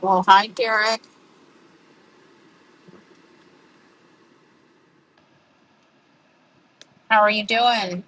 Well, hi, Derek. How are you doing?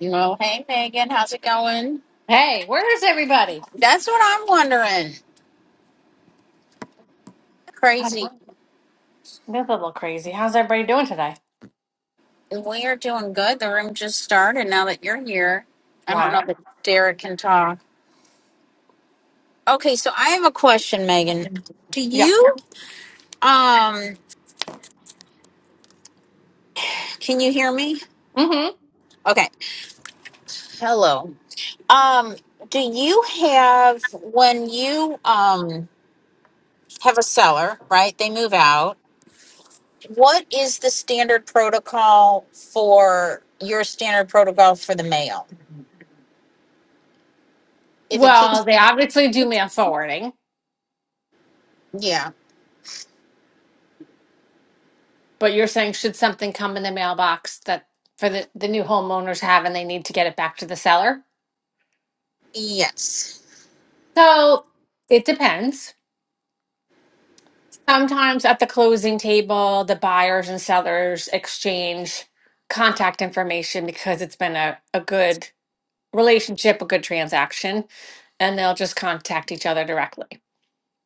Well, hey, Megan. How's it going? Hey, where's everybody? That's what I'm wondering. I'm Crazy. a little crazy. How's everybody doing today? We are doing good. The room just started now that you're here. I don't Wow. know that Derek can talk. Okay, so I have a question, Megan. Do Yeah. you, um, can you hear me? Mm-hmm. Okay. Hello. Um, do you have, when you, um, have a seller, right? They move out. What is the standard protocol for your standard protocol for the mail? If it Well, keeps, they obviously do mail forwarding, yeah, but you're saying should something come in the mailbox that for the, the new homeowners have and they need to get it back to the seller? yes. So it depends. Sometimes at the closing table, the buyers and sellers exchange contact information because it's been a, a good relationship, a good transaction, and they'll just contact each other directly.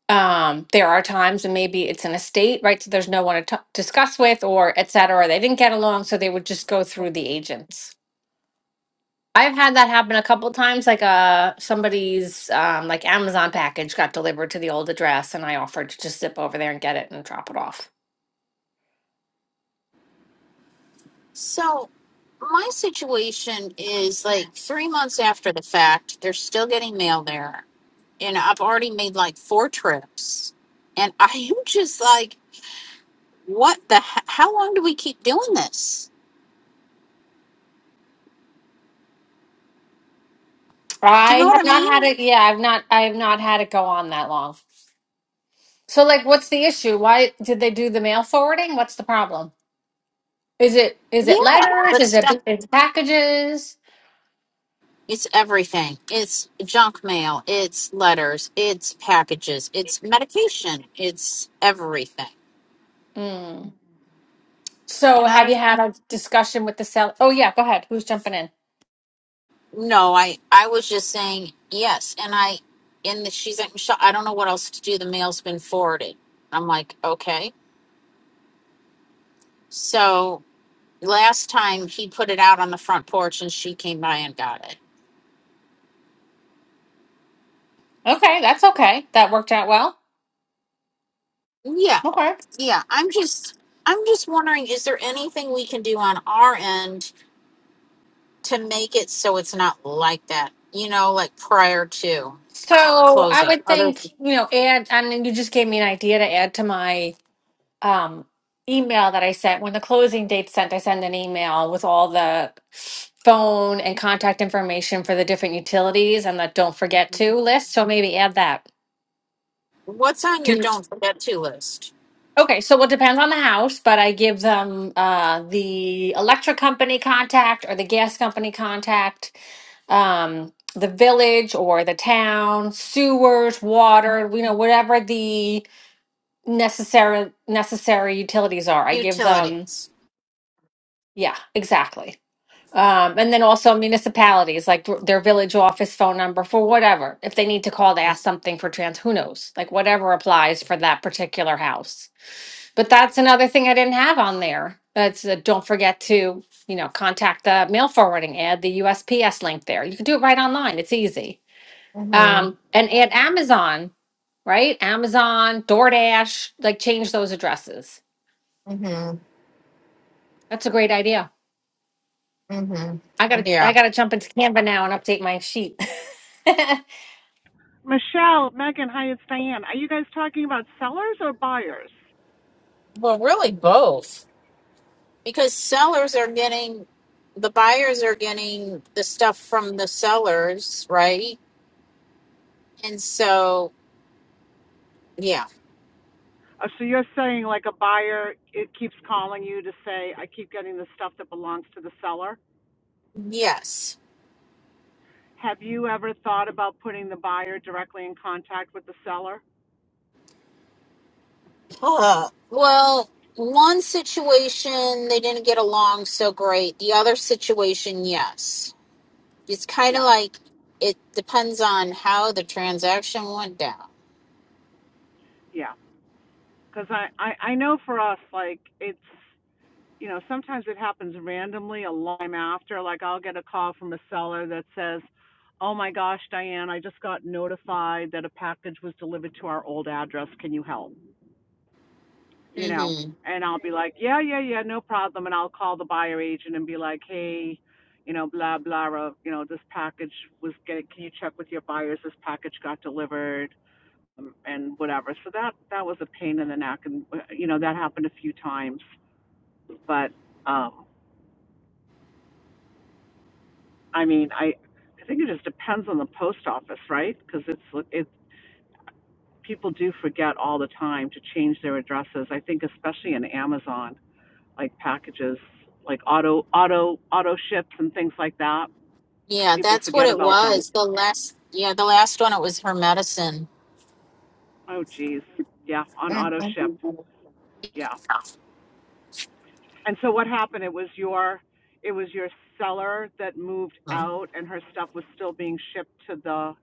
um there are times and maybe it's an estate right so there's no one to t- discuss with or etc they didn't get along so they would just go through the agents i've had that happen a couple times like uh somebody's um like amazon package got delivered to the old address and i offered to just zip over there and get it and drop it off So, my situation is like three months after the fact, they're still getting mail there. And I've already made like four trips. And I am just like, what the? he- How long do we keep doing this? Do you know i what have I not had mean? it yeah i've not i've not had it go on that long so like what's the issue why did they do the mail forwarding what's the problem is it is it Yeah, letters but is it stuff. is it packages It's everything. It's junk mail. It's letters. It's packages. It's medication. It's everything. Hmm. So, And have you I had a discussion with the seller? Oh, yeah, go ahead. Who's jumping in? no, I I was just saying yes. And I and she's like Michelle, I don't know what else to do. The mail's been forwarded. I'm like okay. So last time he put it out on the front porch, and she came by and got it. Okay, that's okay. That worked out well. Yeah, Okay. yeah. I'm just I'm just wondering, is there anything we can do on our end to make it so it's not like that, you know, like prior to So, I closing. would Other think, you know, add, I mean, you just gave me an idea to add to my um, email that I sent. When the closing date's sent, I send an email with all the phone and contact information for the different utilities and the don't forget to list. So, maybe add that. what's on Do your don't forget to list? Okay, so it depends on the house, but I give them uh, the electric company contact or the gas company contact, um, the village or the town, sewers, water, you know, whatever the necessary necessary utilities are. I give them, Utilities. yeah, exactly. Um, and then also municipalities, like th- their village office phone number for whatever. If they need to call to ask something for trans, who knows? Like whatever applies for that particular house. But that's another thing I didn't have on there. That's uh, don't forget to, you know, contact the mail forwarding, add the USPS link there. You can do it right online. It's easy. Mhm. Um, and add Amazon, right? Amazon, DoorDash, like change those addresses. Mhm. That's a great idea. Mhm. I gotta I Yeah. gotta jump into Canva now and update my sheet. Michelle, Megan, hi, it's Diane. Are you guys talking about sellers or buyers? Well, really both. Because sellers are getting the buyers are getting the stuff from the sellers, right? And so, yeah. Oh, so you're saying like a buyer, it keeps calling you to say, I keep getting the stuff that belongs to the seller. Yes. Have you ever thought about putting the buyer directly in contact with the seller? Uh, well, one situation they didn't get along so great. The other situation, yes. It's kind of Yeah, like it depends on how the transaction went down. yeah. Because I, I, I know for us, like, it's you know, sometimes it happens randomly a long time after. Like I'll get a call from a seller that says, "Oh my gosh, Diane, I just got notified that a package was delivered to our old address. Can you help?" You know, hmm and I'll be like, "Yeah, yeah, yeah, no problem." And I'll call the buyer agent and be like, "Hey, you know, blah blah, blah. you know, this package was getting. Can you check with your buyers? This package got delivered." um, And whatever, so that that was a pain in the neck, and uh, you know that happened a few times. But um, I mean, I I think it just depends on the post office, right? Because it's it's people do forget all the time to change their addresses. I think especially in Amazon, like packages, like auto auto auto ships and things like that, Yeah, people that's what forget it about them. was. The last, yeah, the last one it was her medicine. Oh, geez, yeah, on auto ship, Mhm. yeah. And so what happened? It was your it was your seller that moved out, and her stuff was still being shipped to the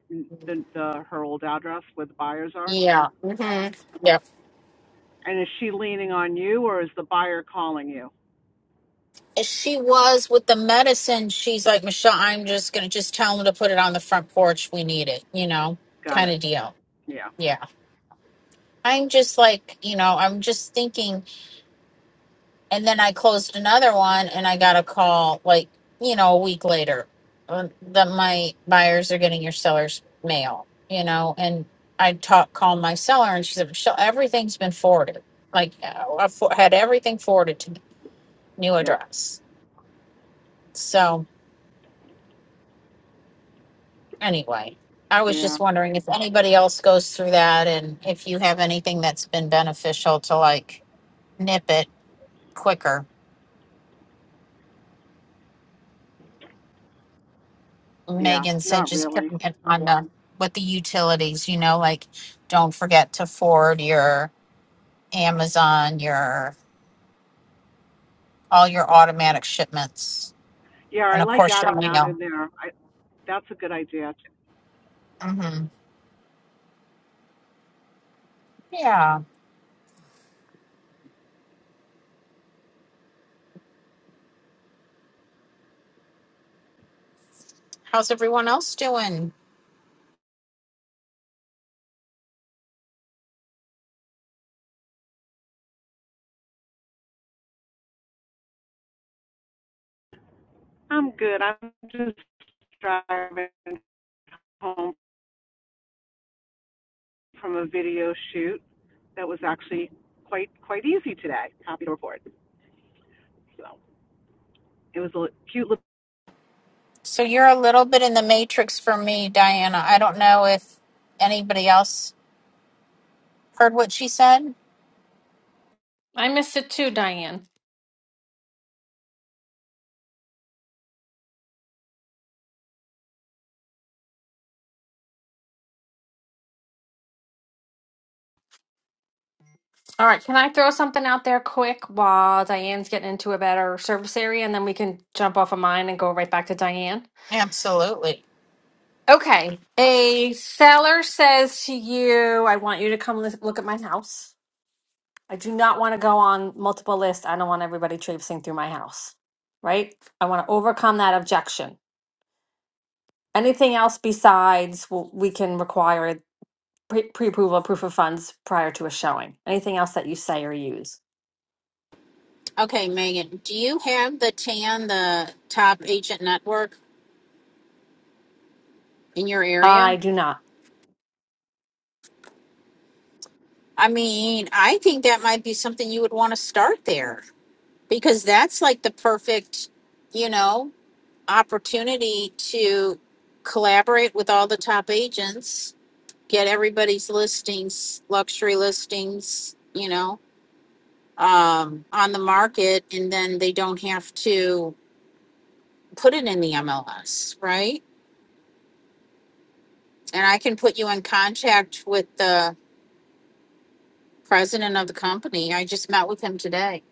the, the her old address where the buyers are. Yeah. hmm Yep. And is she leaning on you or is the buyer calling you? And She was with the medicine. She's like, Michelle, I'm just gonna just tell him to put it on the front porch. We need it. You know, Got kind it. of deal. Yeah. Yeah. I'm just like, you know, I'm just thinking. And then I closed another one and I got a call like, you know, a week later uh, that my buyers are getting your seller's mail, you know, and I talk, called my seller and she said, Michelle, everything's been forwarded. Like uh, I for- had everything forwarded to the new Yeah. address. So anyway, I was Yeah. just wondering if anybody else goes through that and if you have anything that's been beneficial to like nip it quicker Yeah. Megan said Not just really. putting it on the, with the utilities, you know, like don't forget to forward your Amazon, your all your automatic shipments, Yeah, and I of like course your adding that mail. in there. I that's a good idea. hmm Yeah. How's everyone else doing? I'm good. I'm just driving home from a video shoot that was actually quite quite easy today. Happy to report. So it was a cute little. So you're a little bit in the matrix for me, Diana. I don't know if anybody else heard what she said. I missed it too, Diane. All right, can I throw something out there quick while Diane's getting into a better service area and then we can jump off of mine and go right back to Diane? Absolutely. Okay. A seller says to you, I want you to come lis- look at my house. I do not want to go on multiple lists. I don't want everybody traipsing through my house. Right? I want to overcome that objection. Anything else besides w- we can require pre approval, proof of funds prior to a showing? Anything else that you say or use? Okay, Megan, do you have the TAN, the top agent network in your area? I do not. I mean, I think that might be something you would want to start there because that's like the perfect, you know, opportunity to collaborate with all the top agents, get everybody's listings, luxury listings, you know, um, on the market, and then they don't have to put it in the MLS, right? And I can put you in contact with the president of the company. I just met with him today.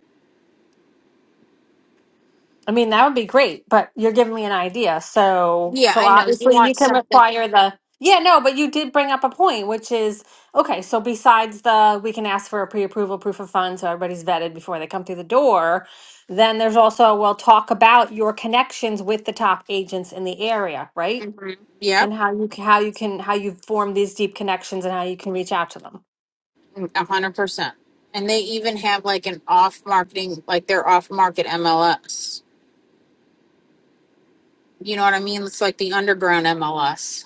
I mean, that would be great, but you're giving me an idea. So, Yeah, so I know. You obviously you want can something require the, yeah, no, but you did bring up a point, which is, okay, so besides the, we can ask for a pre-approval proof of funds, so everybody's vetted before they come through the door. Then there's also, we'll talk about your connections with the top agents in the area, right? hmm Yep, And how you, c- how you can, how you form these deep connections and how you can reach out to them. a hundred percent. And they even have like an off marketing, like their off market MLS. You know what I mean? It's like the underground MLS.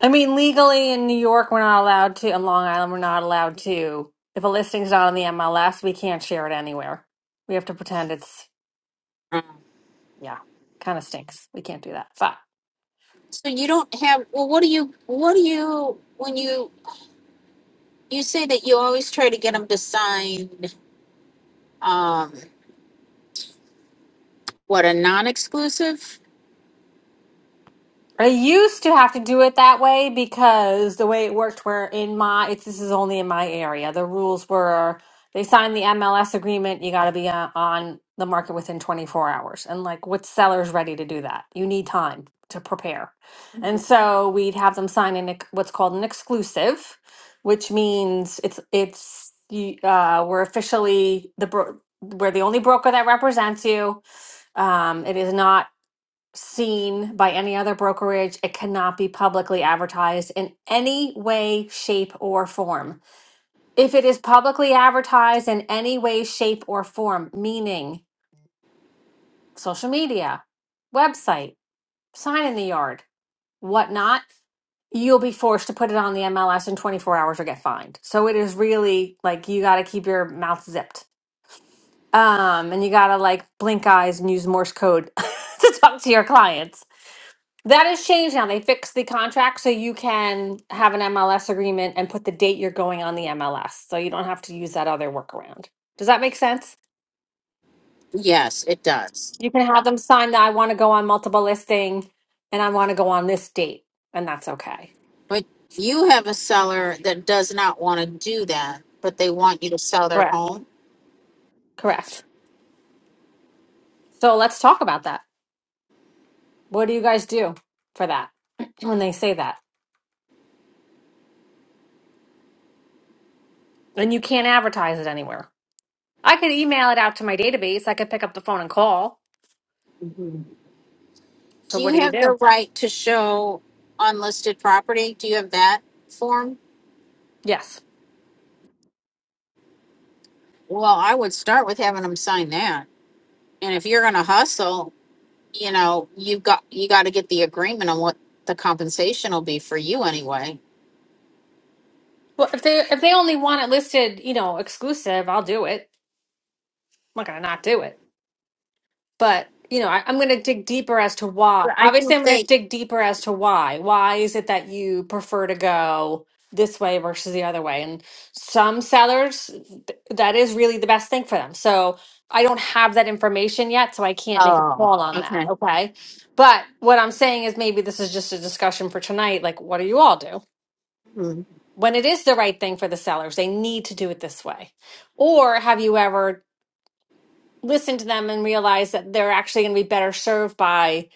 I mean, legally in New York, we're not allowed to, and Long Island, we're not allowed to. If a listing's not on the MLS, we can't share it anywhere. We have to pretend it's, Um, yeah, kind of stinks. We can't do that. But So you don't have. Well, what do you? What do you? When you you say that you always try to get them to sign, um, what a non-exclusive? I used to have to do it that way because the way it worked, where in my, it's, this is only in my area, the rules were they signed the MLS agreement, you got to be on, on the market within 24 hours. And like, what seller's ready to do that? You need time to prepare. And so we'd have them sign in what's called an exclusive, which means it's, it's, you, uh, we're officially the, bro- we're the only broker that represents you. Um, it is not seen by any other brokerage. It cannot be publicly advertised in any way, shape, or form. If it is publicly advertised in any way, shape, or form, meaning social media, website, sign in the yard, whatnot, you'll be forced to put it on the MLS in 24 hours or get fined. So it is really like you got to keep your mouth zipped. Um, and you got to like blink eyes and use Morse code to talk to your clients That has changed now. They fixed the contract so you can have an MLS agreement and put the date you're going on the MLS. So you don't have to use that other workaround. Does that make sense? Yes, it does. You can have them sign that I want to go on multiple listing and I want to go on this date, and that's okay. But you have a seller that does not want to do that, but they want you to sell their Correct. home. Correct. So let's talk about that. What do you guys do for that when they say that? And you can't advertise it anywhere. I could email it out to my database. I could pick up the phone and call. So Do what you do you have the do? right to show unlisted property? Do you have that form? Yes. Well, I would start with having them sign that. And if you're gonna hustle, you know, you got, you gotta get the agreement on what the compensation will be for you anyway. Well, if they if they only want it listed, you know, exclusive, I'll do it. I'm not gonna not do it. But you know, I, I'm gonna dig deeper as to why. But I Obviously, think I'm gonna they, dig deeper as to why. Why is it that you prefer to go this way versus the other way? And some sellers, th- that is really the best thing for them. So I don't have that information yet, so I can't make a oh, call on that. okay. Okay, but what I'm saying is maybe this is just a discussion for tonight. Like, what do you all do? Hmm. when it is the right thing for the sellers, they need to do it this way? Or have you ever listened to them and realized that they're actually going to be better served by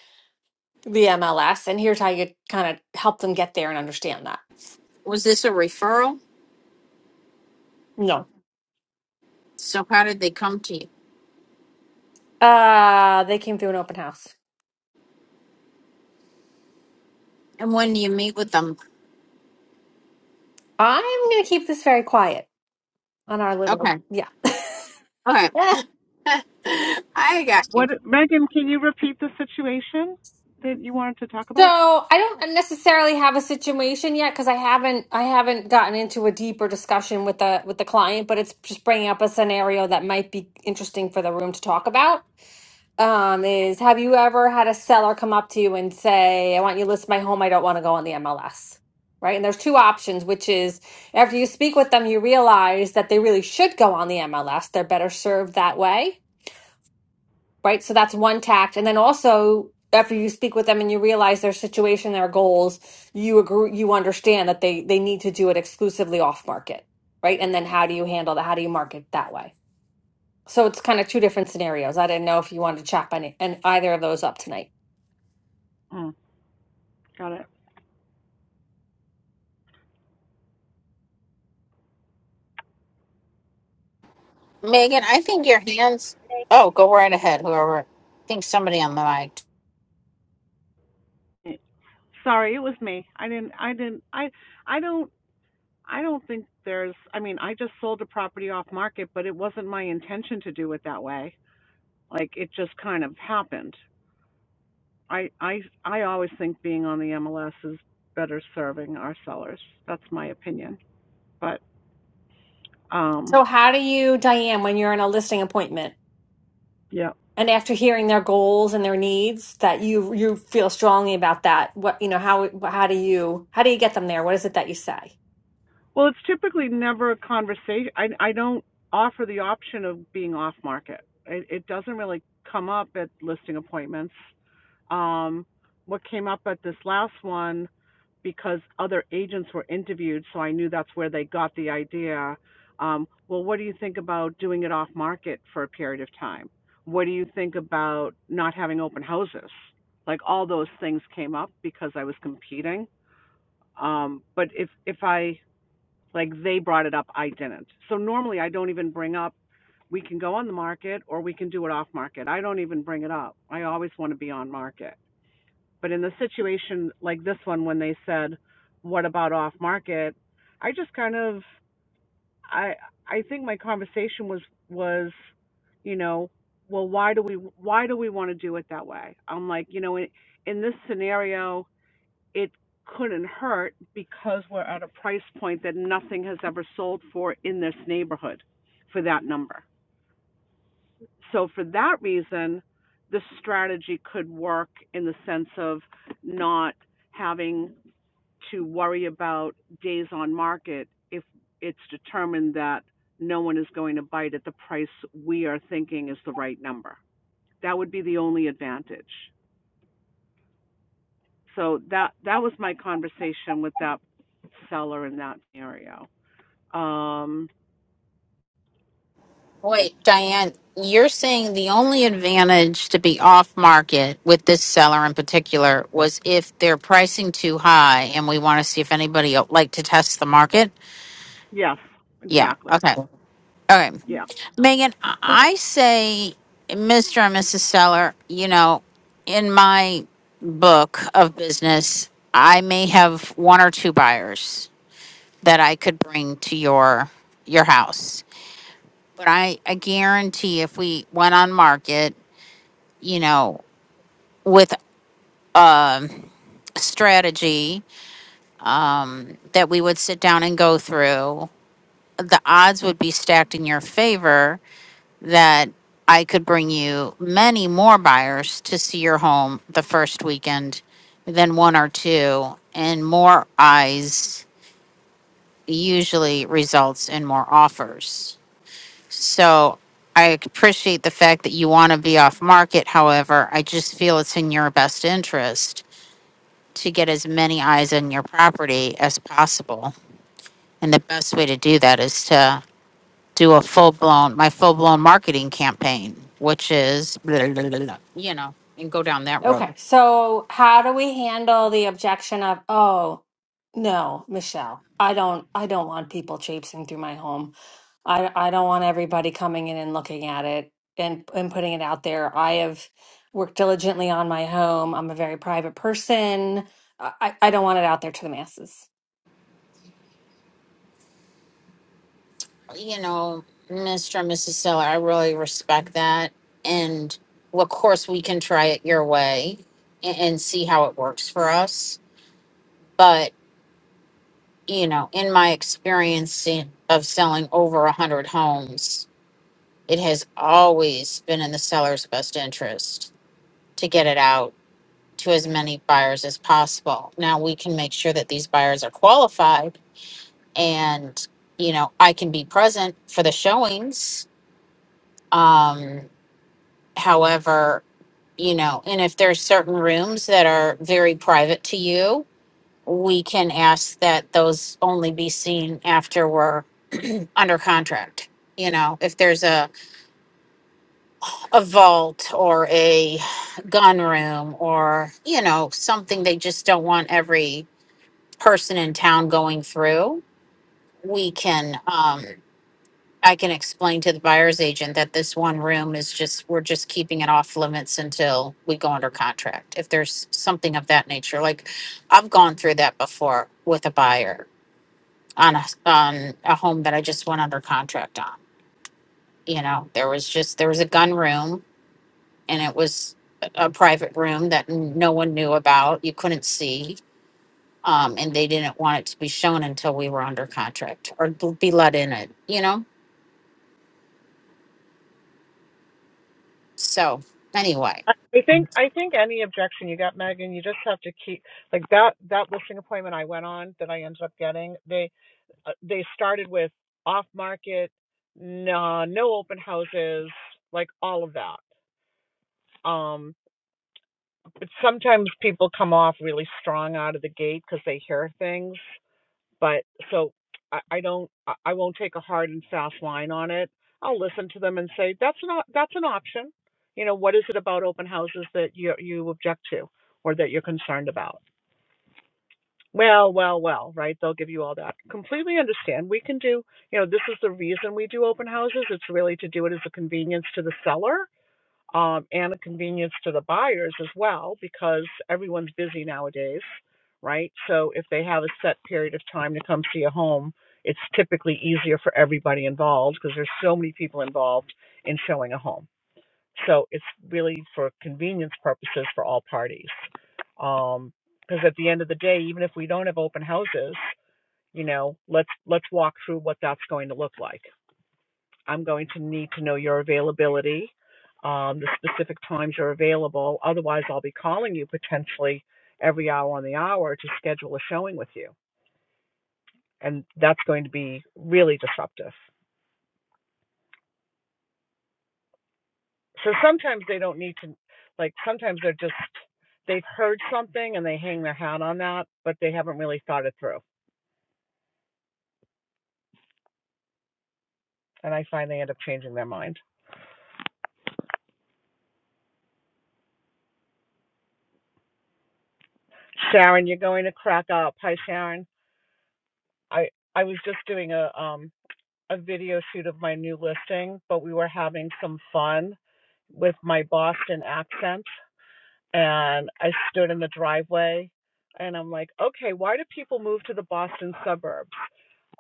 the MLS? And here's how you kind of help them get there and understand that. Was this a referral? No. So how did they come to you? Uh, they came through an open house. And when do you meet with them? I'm going to keep this very quiet on our little, Okay, yeah. okay. Eh. I got you. What Megan? Can you repeat the situation that you wanted to talk So about? I don't necessarily have a situation yet because I haven't I haven't gotten into a deeper discussion with the with the client, but it's just bringing up a scenario that might be interesting for the room to talk about. um, is have you ever had a seller come up to you and say, I want you to list my home, I don't want to go on the MLS? Right. And there's two options, which is after you speak with them, you realize that they really should go on the MLS. They're better served that way. Right. So that's one tact. And then also, after you speak with them and you realize their situation, their goals, you agree, you understand that they, they need to do it exclusively off market. Right. And then how do you handle that? How do you market that way? So it's kind of two different scenarios. I didn't know if you wanted to chop any, and either of those up tonight. Mm, got it. Megan, I think your hands. Oh, go right ahead. Whoever. I think somebody on the mic. Sorry, it was me. I didn't. I didn't. I. I don't I don't think there's, I mean, I just sold a property off market, but it wasn't my intention to do it that way. Like it just kind of happened. I, I, I always think being on the MLS is better serving our sellers. That's my opinion. But, um, So, how do you, Diane, when you're in a listing appointment yeah. and after hearing their goals and their needs, that you you feel strongly about that? What you know, how how do you how do you get them there? What is it that you say? Well, it's typically never a conversation. I, I don't offer the option of being off market. It, it doesn't really come up at listing appointments. um, what came up at this last one because other agents were interviewed, so I knew that's where they got the idea. Um, well, what do you think about doing it off market for a period of time? What do you think about not having open houses? Like all those things came up because I was competing. Um, but if if I like they brought it up, I didn't. So normally I don't even bring up. We can go on the market or we can do it off market. I don't even bring it up. I always want to be on market. But in the situation like this one, when they said, "What about off market?" I just kind of, I, I think my conversation was was, you know, well, why do we why do we want to do it that way? I'm like, you know, in, in this scenario, it couldn't hurt because we're at a price point that nothing has ever sold for in this neighborhood for that number. So for that reason, this strategy could work in the sense of not having to worry about days on market if it's determined that no one is going to bite at the price we are thinking is the right number. That would be the only advantage. So that that was my conversation with that seller in that scenario. Um, Wait, Diane, you're saying the only advantage to be off market with this seller in particular was if they're pricing too high and we want to see if anybody else like to test the market? yes, Yeah. exactly. Okay. All right. Yeah. Megan, I I say, Mr. and Mrs. Seller, you know, in my book of business, I may have one or two buyers. that I could bring to your your house. But I, I guarantee if we went on market, you know, with a strategy um, that we would sit down and go through, the odds would be stacked in your favor that I could bring you many more buyers to see your home the first weekend than one or two, and more eyes usually results in more offers. So I appreciate the fact that you want to be off market. However, I just feel it's in your best interest to get as many eyes on your property as possible. And the best way to do that is to do a full blown, my full blown marketing campaign, which is, blah, blah, blah, blah, you know, and go down that Okay, road. so how do we handle the objection of, oh, no, Michelle, I don't I don't want people traipsing through my home. I I don't want everybody coming in and looking at it and and putting it out there. I have worked diligently on my home. I'm a very private person. I, I I don't want it out there to the masses. You know, Mr. and Mrs. Seller, I really respect that. And well, of course, we can try it your way and, and see how it works for us. But you know, in my experience in, of selling over a hundred homes, it has always been in the seller's best interest to get it out to as many buyers as possible. Now we can make sure that these buyers are qualified and, you know, I can be present for the showings. Um, however, you know, and if there's certain rooms that are very private to you, we can ask that those only be seen after we're under contract. You know, if there's a, a vault or a gun room or, you know, something they just don't want every person in town going through, we can, um, I can explain to the buyer's agent that this one room is just, we're just keeping it off limits until we go under contract. If there's something of that nature, like I've gone through that before with a buyer on a, on a home that I just went under contract on. You know, there was just, there was a gun room and it was a private room that no one knew about. You couldn't see. Um, and they didn't want it to be shown until we were under contract or be let in it, you know? So, anyway. I think I think any objection you got, Megan, you just have to keep like that that listing appointment I went on that I ended up getting. They. uh, they started with off market, no, no open houses, like all of that. Um, but sometimes people come off really strong out of the gate because they hear things. But so I, I don't, I I won't take a hard and fast line on it. I'll listen to them and say that's not that's an option. You know, what is it about open houses that you you object to or that you're concerned about? Well, well, well, right? They'll give you all that. Completely understand. We can do, you know, this is the reason we do open houses. It's really to do it as a convenience to the seller um, and a convenience to the buyers as well, because everyone's busy nowadays, right? So if they have a set period of time to come see a home, it's typically easier for everybody involved because there's so many people involved in showing a home. So it's really for convenience purposes for all parties. Um, because at the end of the day, even if we don't have open houses, you know, let's let's walk through what that's going to look like. I'm going to need to know your availability, um, the specific times you're available. Otherwise, I'll be calling you potentially every hour on the hour to schedule a showing with you, and that's going to be really disruptive. so sometimes they don't need to like sometimes they're just they've heard something and they hang their hat on that but they haven't really thought it through and i find they end up changing their mind sharon you're going to crack up hi sharon i i was just doing a um a video shoot of my new listing but we were having some fun with my boston accent and i stood in the driveway and i'm like okay why do people move to the boston suburb?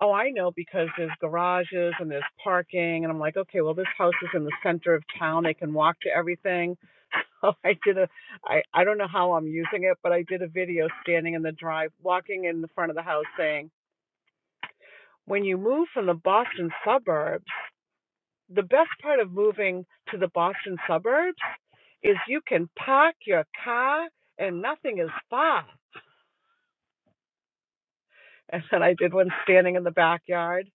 Oh, I know because there's garages and there's parking, and I'm like, okay, well, this house is in the center of town; they can walk to everything. So I did a, I I don't know how I'm using it, but I did a video standing in the drive, walking in the front of the house, saying, when you move from the Boston suburbs, the best part of moving to the Boston suburbs is you can park your car and nothing is far. And then I did one standing in the backyard.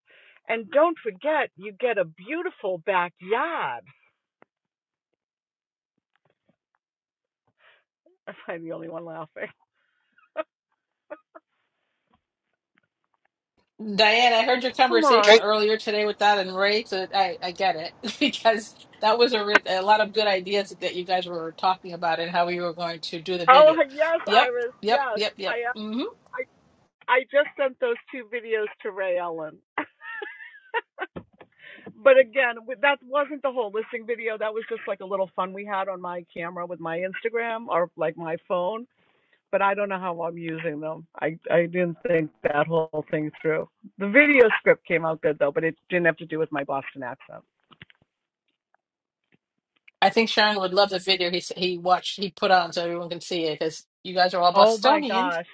And don't forget, you get a beautiful backyard. Am I the only one laughing? Diane, I heard your Come Okay. on. conversation earlier today with that and Ray, so I, I get it because that was a, re- a lot of good ideas that you guys were talking about and how we were going to do the Oh video. yes, Yep, Iris. yep, Yes, yep, yep. I uh, hmm I I just sent those two videos to Ray Ellen. but again, that wasn't the whole listing video. That was just like a little fun we had on my camera with my Instagram or like my phone. But I don't know how I'm using them. I I didn't think that whole thing through. The video script came out good though, but it didn't have to do with my Boston accent. I think Sharon would love the video he s- he watched he put on so everyone can see it because you guys are all Oh my Bostonians. gosh.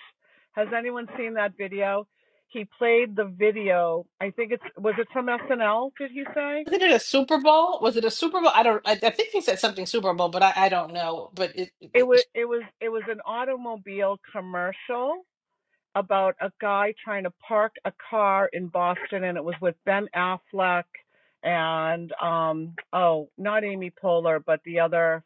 Has anyone seen that video? He played the video. I think it's was it from SNL, did he say? Wasn't it a Super Bowl? Was it a Super Bowl? I don't. I, I think he said something Super Bowl, but I, I don't know. But it, It it was was, it was it was an automobile commercial about a guy trying to park a car in Boston and it was with Ben Affleck and um oh, not Amy Poehler, but the other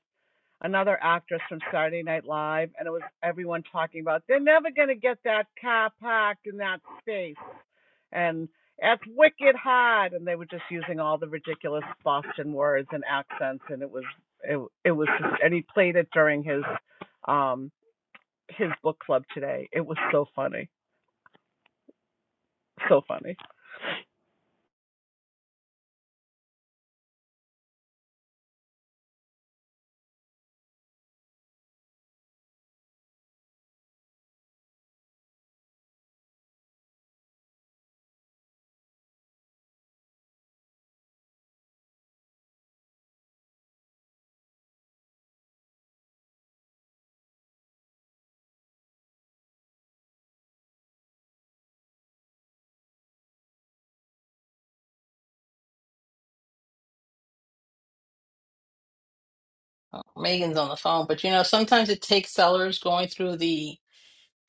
another actress from Saturday Night Live and it was everyone talking about they're never going to get that car parked in that space and that's wicked hot and they were just using all the ridiculous boston words and accents and it was it, it was just, and he played it during his um his book club today it was so funny so funny oh, Megan's on the phone. But you know, sometimes it takes sellers going through the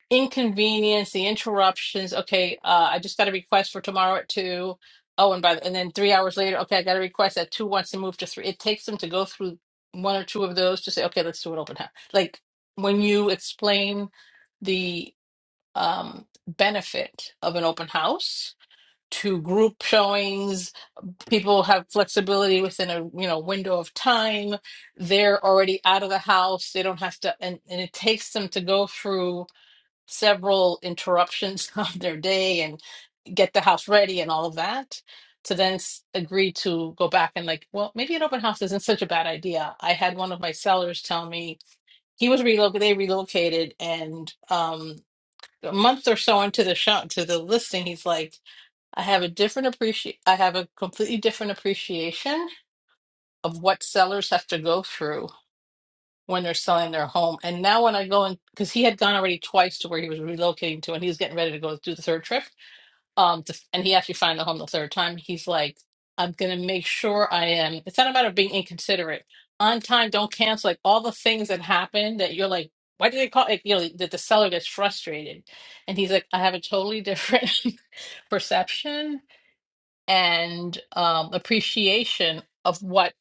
inconvenience, the interruptions. Okay, uh, I just got a request for tomorrow at two. Oh, and by the, and then three hours later, okay, I got a request that two wants to move to three. It takes them to go through one or two of those to say, okay, let's do an open house. Like when you explain the um, benefit of an open house to group showings, people have flexibility within a you know window of time. They're already out of the house. They don't have to, and, and it takes them to go through several interruptions of their day and get the house ready and all of that to then s- agree to go back and like well maybe an open house isn't such a bad idea i had one of my sellers tell me he was relocated they relocated and um a month or so into the shop to the listing he's like i have a different appreciate i have a completely different appreciation of what sellers have to go through when they're selling their home. And now when I go in, because he had gone already twice to where he was relocating to, and he was getting ready to go do the third trip. Um, to, and he actually found the home the third time. He's like, I'm gonna make sure I am. It's not a matter of being inconsiderate. On time, don't cancel. Like all the things that happen that you're like, why did they call? Like, you know, that the seller gets frustrated, and he's like, I have a totally different perception and um, appreciation of what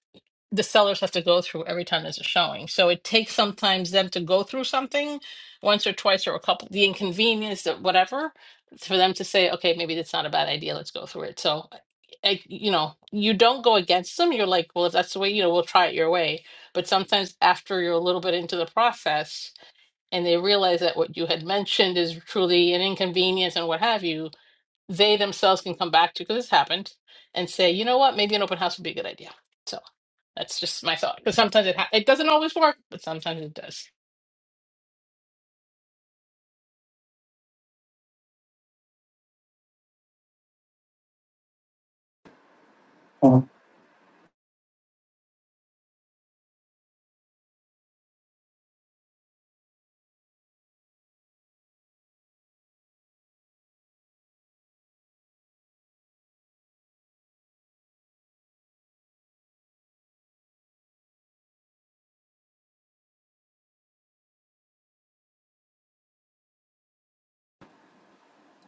the sellers have to go through every time there's a showing. So it takes sometimes them to go through something once or twice or a couple, the inconvenience of whatever, for them to say, okay, maybe that's not a bad idea. Let's go through it. So, I, you know, you don't go against them. You're like, well, if that's the way, you know, we'll try it your way. But sometimes after you're a little bit into the process and they realize that what you had mentioned is truly an inconvenience and what have you, they themselves can come back to, because it's happened, and say, you know what, maybe an open house would be a good idea. So, that's just my thought. Because sometimes it ha- it doesn't always work, but sometimes it does. Mhm.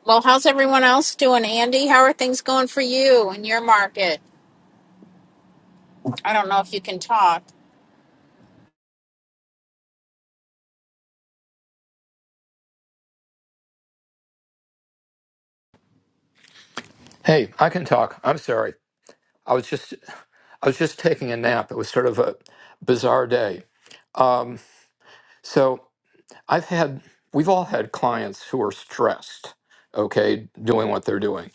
Well, how's everyone else doing, Andy? How are things going for you in your market? I don't know if you can talk. Hey, I can talk. I'm sorry. I was just I was just taking a nap. It was sort of a bizarre day. Um, so I've had we've all had clients who are stressed, okay, doing what they're doing.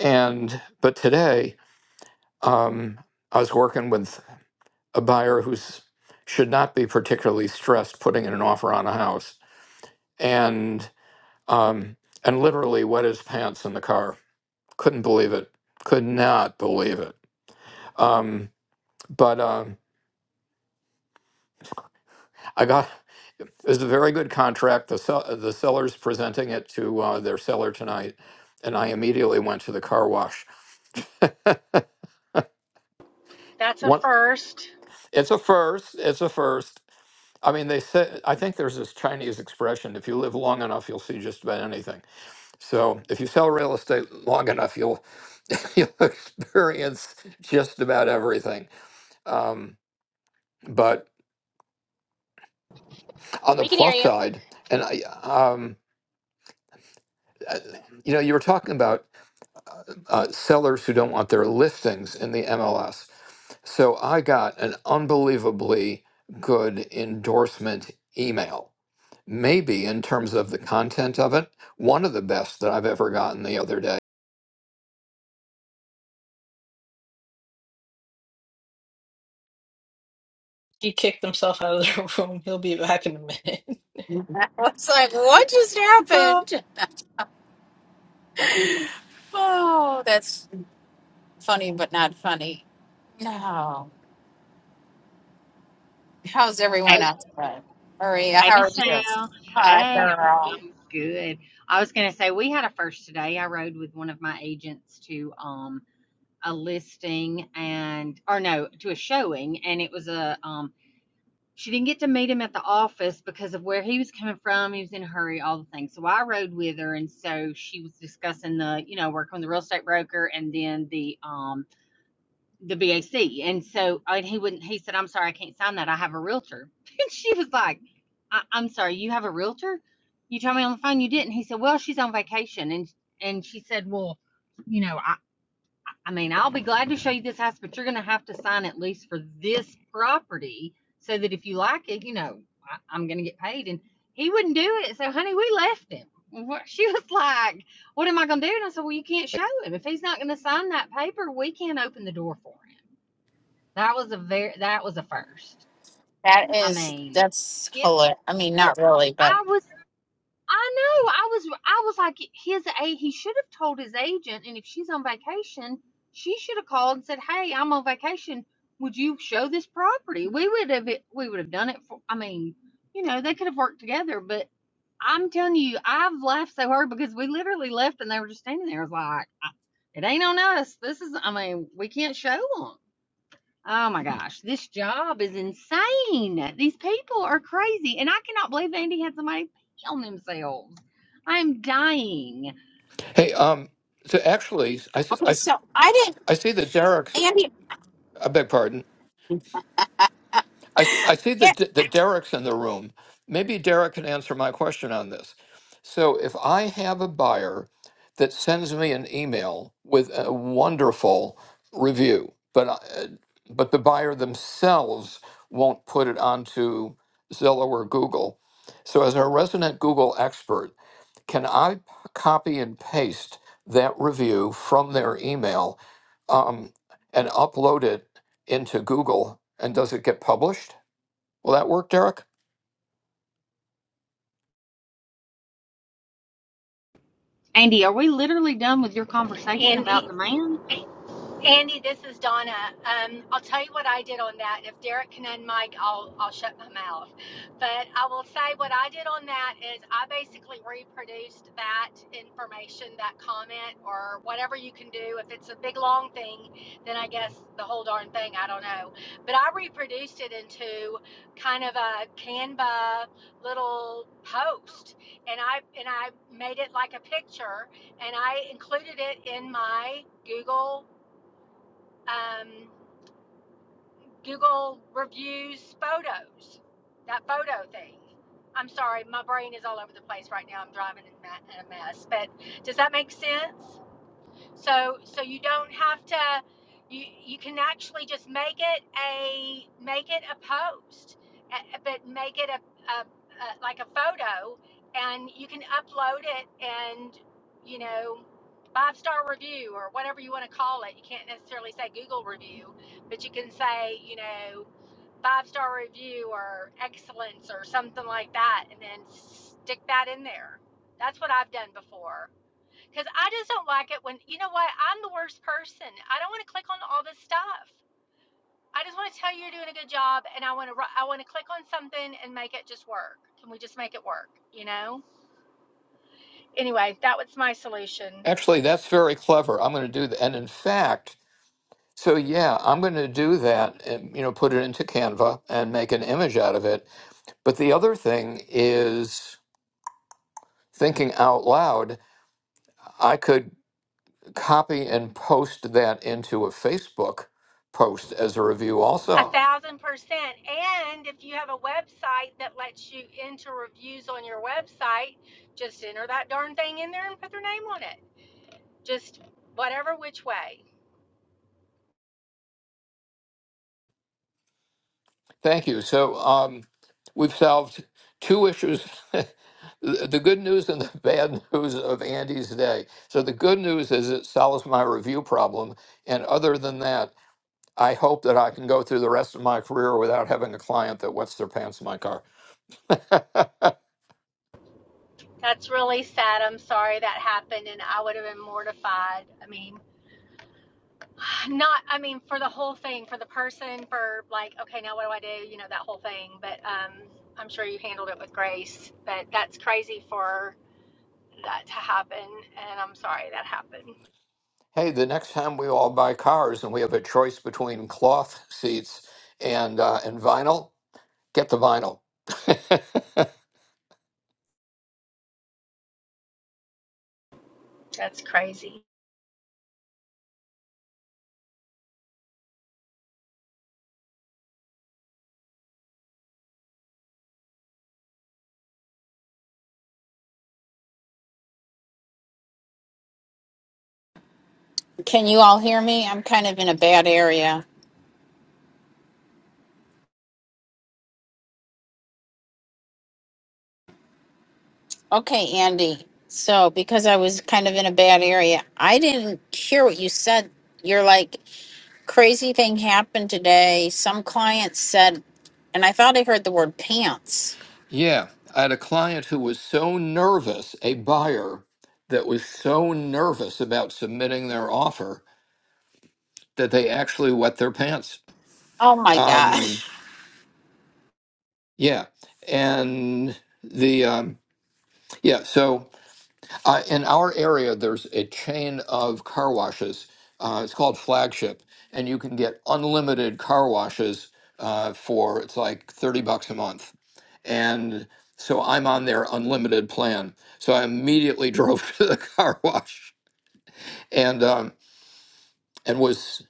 And but today, um, I was working with a buyer who's should not be particularly stressed putting in an offer on a house, and um, and literally wet his pants in the car. Couldn't believe it. Could not believe it. Um, but. Um, I got It was a very good contract. The sell, the seller's presenting it to uh, their seller tonight, and I immediately went to the car wash. That's a One, first. it's a first. It's a first. I mean, they said. I think there's this Chinese expression: if you live long enough, you'll see just about anything. So, if you sell real estate long enough, you'll you'll experience just about everything. Um, but on the We can hear plus you. side, and I, um, uh, you know, you were talking about. uh, sellers who don't want their listings in the MLS. So I got an unbelievably good endorsement email, maybe in terms of the content of it, one of the best that I've ever gotten the other day. He kicked himself out of the room. He'll be back in a minute. It's like, what just happened? Oh, that's funny, but not funny. No. How's Hey, everyone else? doing? Maria, hey, how are you? Michelle. Hi, Hey, I'm, girl. I'm good. I was going to say we had a first today. I rode with one of my agents to um a listing and or no to a showing, and it was a um. She didn't get to meet him at the office because of where he was coming from. He was in a hurry, all the things. So I rode with her, and so she was discussing the, you know, working with the real estate broker, and then the um the VAC. And so, and he wouldn't, he said, I'm sorry, I can't sign that. I have a realtor. And she was like, I, I'm sorry, you have a realtor? You told me on the phone you didn't. He said, Well, she's on vacation. And, and she said, Well, you know, I, I mean, I'll be glad to show you this house, but you're going to have to sign at least for this property so that if you like it, you know, I, I'm going to get paid. And he wouldn't do it. So, honey, we left him. She was like, What am I going to do? And I said, Well, you can't show him. If he's not going to sign that paper, we can't open the door for him. That was a very that was a first. That I is mean, that's yes. hilarious. I mean, not Well, really, but I was I know I was I was like his a he should have told his agent, and if she's on vacation, she should have called and said, "Hey, I'm on vacation. Would you show this property?" We would have we would have done it for. I mean, you know, they could have worked together, but. I'm telling you, I've laughed so hard because we literally left and they were just standing there. It was like, it ain't on us. This is, I mean, we can't show them. Oh my gosh, this job is insane. These people are crazy, and I cannot believe Andy had somebody pee on themselves. I'm dying. Hey, um, so actually, I, s- I, okay. s- So I didn't, I see that Derek's, Andy. I beg pardon, I, th- I see eh, that, D- that Derek's in the room. Maybe Derek can answer my question on this. So, if I have a buyer that sends me an email with a wonderful review, but I- uh, but the buyer themselves won't put it onto Zillow or Google. So, as a resident Google expert, can I p- copy and paste that review from their email um, and upload it into Google? And does it get published? Will that work, Derek? Andy, are we literally done with your conversation And about he, the man? Andy, this is Donna. Um, I'll tell you what I did on that. If Derek can end Mike, I'll I'll shut my mouth. But I will say what I did on that is I basically reproduced that information, that comment, or whatever you can do. If it's a big long thing, then I guess the whole darn thing. I don't know. But I reproduced it into kind of a Canva little post, and I and I made it like a picture, and I included it in my Google um, Google reviews photos, that photo thing. I'm sorry, my brain is all over the place right now. I'm driving in in a mess. But does that make sense? So so you don't have to you you can actually just make it a make it a post, but make it a, a, a like a photo and you can upload it and you know five star review or whatever you want to call it. You can't necessarily say Google review, but you can say, you know, five star review or excellence or something like that and then stick that in there. That's what I've done before because I just don't like it when you know what I'm the worst person. I don't want to click on all this stuff. I just want to tell you you're doing a good job, and I want to I want to click on something and make it just work. Can we just make it work? You know. Anyway, that was my solution. Actually, that's very clever. I'm going to do that. And in fact, so yeah, I'm going to do that and, you know, put it into Canva and make an image out of it. But the other thing is thinking out loud, I could copy and post that into a Facebook post as a review A also. thousand percent. And if you have a website that lets you enter reviews on your website, just enter that darn thing in there and put their name on it. Just whatever which way. Thank you. So um, we've solved two issues the the good news and the bad news of Andy's day. So the good news is it solves my review problem. And other than that, I hope that I can go through the rest of my career without having a client that wets their pants in my car. That's really sad. I'm sorry that happened, and I would have been mortified. I mean, Not, I mean, for the whole thing, for the person, for like, okay, now what do I do? You know, that whole thing. But um, I'm sure you handled it with grace. But that's crazy for that to happen. And I'm sorry that happened. hey, the next time we all buy cars and we have a choice between cloth seats and, uh, and vinyl, get the vinyl. That's crazy. Can you all hear me? I'm kind of in a bad area. Okay, Andy. So because I was kind of in a bad area, I didn't hear what you said. You're like crazy thing happened today. Some client said, and I thought I heard the word pants. Yeah, I had a client who was so nervous, a buyer that was so nervous about submitting their offer that they actually wet their pants. Oh my god. Um, yeah, and the um, yeah, so uh, in our area, there's a chain of car washes. Uh, it's called Flagship, and you can get unlimited car washes uh, for it's like thirty bucks a month and so I'm on their unlimited plan. So I immediately drove to the car wash and um, and was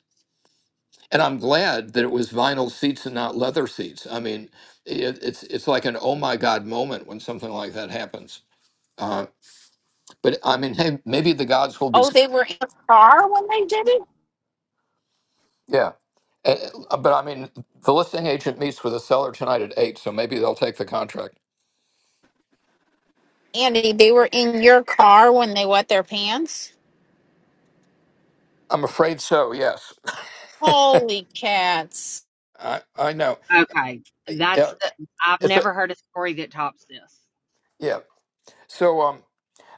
and I'm glad that it was vinyl seats and not leather seats. I mean, it, it's it's like an oh my god moment when something like that happens. Uh, but I mean, hey, maybe the gods will be Oh, they were in the car when they did it. yeah. Eh, eh, But I mean, the listing agent meets with the seller tonight at eight, so maybe they'll take the contract. Andy, they were in your car when they wet their pants. I'm afraid so. Yes, Holy cats. I I know. Okay, Eh, yeah, that's eh, the. I've It's a, never heard a story that tops this. yeah. So um,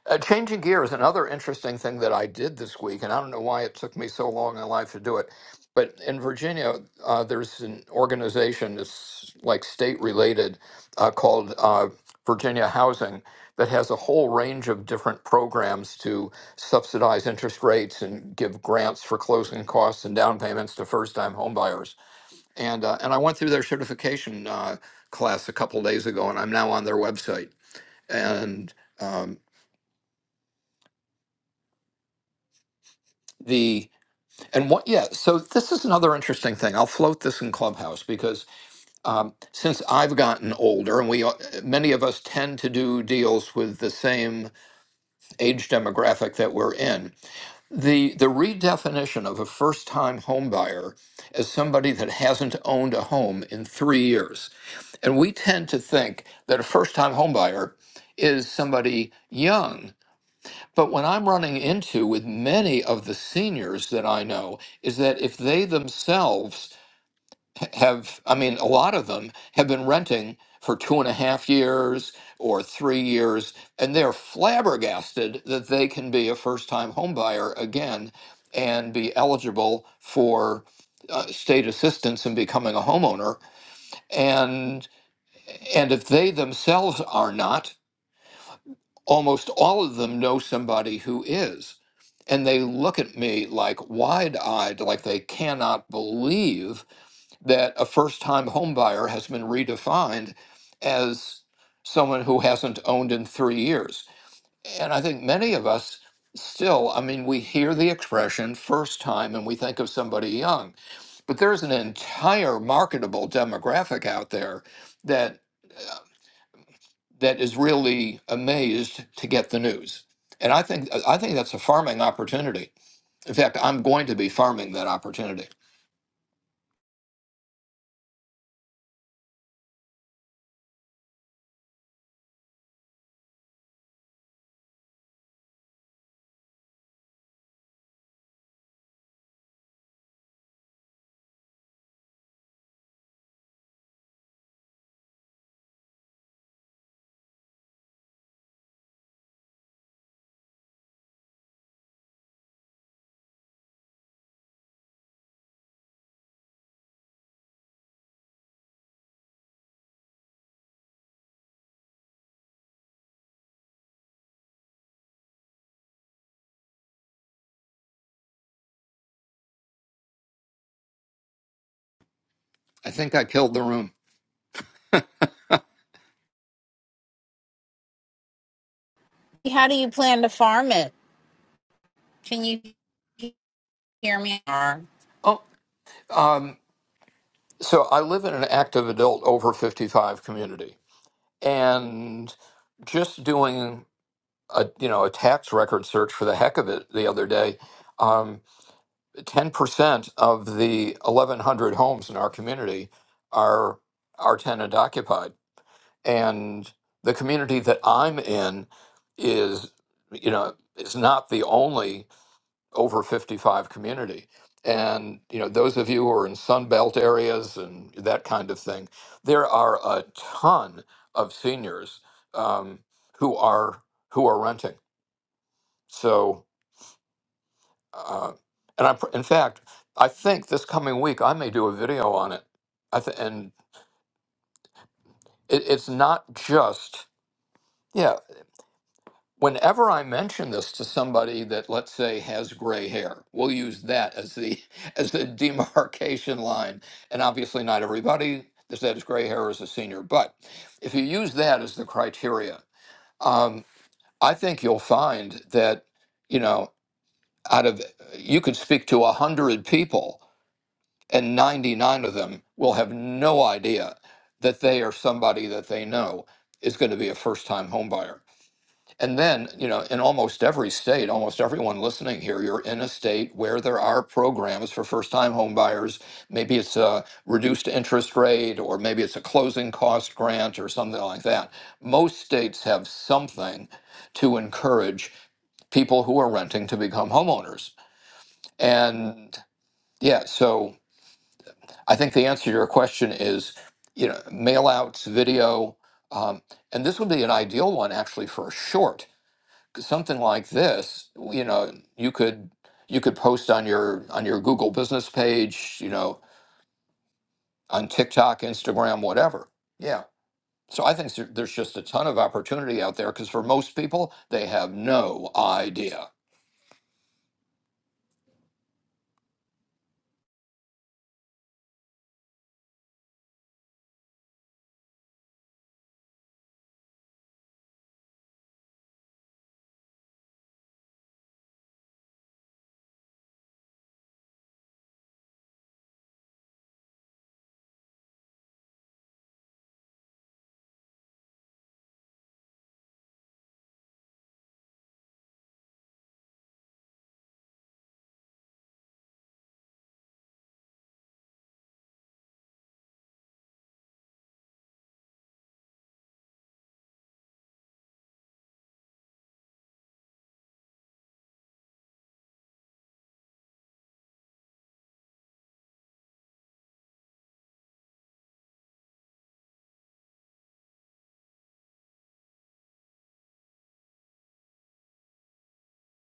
Uh, changing gear is another interesting thing that I did this week, and I don't know why it took me so long in life to do it. But in Virginia, uh, there's an organization that's like state related uh, called uh, Virginia Housing that has a whole range of different programs to subsidize interest rates and give grants for closing costs and down payments to first time homebuyers. And, uh, and I went through their certification uh, class a couple days ago, and I'm now on their website. And um, the And what, yeah, so this is another interesting thing. I'll float this in Clubhouse because um, since I've gotten older, and we all- many of us tend to do deals with the same age demographic that we're in, the the redefinition of a first time home buyer as somebody that hasn't owned a home in three years, and we tend to think that a first time home buyer is somebody young but what I'm running into with many of the seniors that I know is that if they themselves have, I mean, a lot of them have been renting for two and a half years or three years, and they're flabbergasted that they can be a first time homebuyer again and be eligible for uh, state assistance in becoming a homeowner. And, and if they themselves are not, almost all of them know somebody who is. And they look at me like wide eyed, like they cannot believe that a first time homebuyer has been redefined as someone who hasn't owned in three years. And I think many of us still, I mean, we hear the expression first time and we think of somebody young. But there's an entire marketable demographic out there that uh, that is really amazed to get the news. And I think I think that's a farming opportunity. In fact, I'm going to be farming that opportunity. I think I killed the room. How do you plan to farm it? Can you hear me? Or Oh, um, so I live in an active adult over 55 community, and just doing a you know a tax record search for the heck of it the other day. Um, 10% of the 1,100 homes in our community are are tenant occupied and the community that I'm in is, you know, is not the only over 55 community. And you know, those of you who are in Sunbelt areas and that kind of thing, there are a ton of seniors um, who are who are renting. So, uh, and I, in fact, I think this coming week I may do a video on it. I th- and it, it's not just. yeah. whenever I mention this to somebody that, let's say, has gray hair, we'll use that as the as the demarcation line. And obviously, not everybody that has gray hair is a senior, but if you use that as the criteria, um, I think you'll find that you know out of you could speak to a hundred people, and ninety nine of them will have no idea that they are somebody that they know is going to be a first time homebuyer. And then, you know, in almost every state, almost everyone listening here, you're in a state where there are programs for first time home buyers. Maybe it's a reduced interest rate, or maybe it's a closing cost grant, or something like that. Most states have something to encourage people who are renting to become homeowners. And yeah, so I think the answer to your question is, you know, mail outs, video, um, and this would be an ideal one actually for a short something like this, you know, you could you could post on your on your Google business page, you know, on TikTok, Instagram, whatever. Yeah. So I think there- there's just a ton of opportunity out there because for most people, they have no idea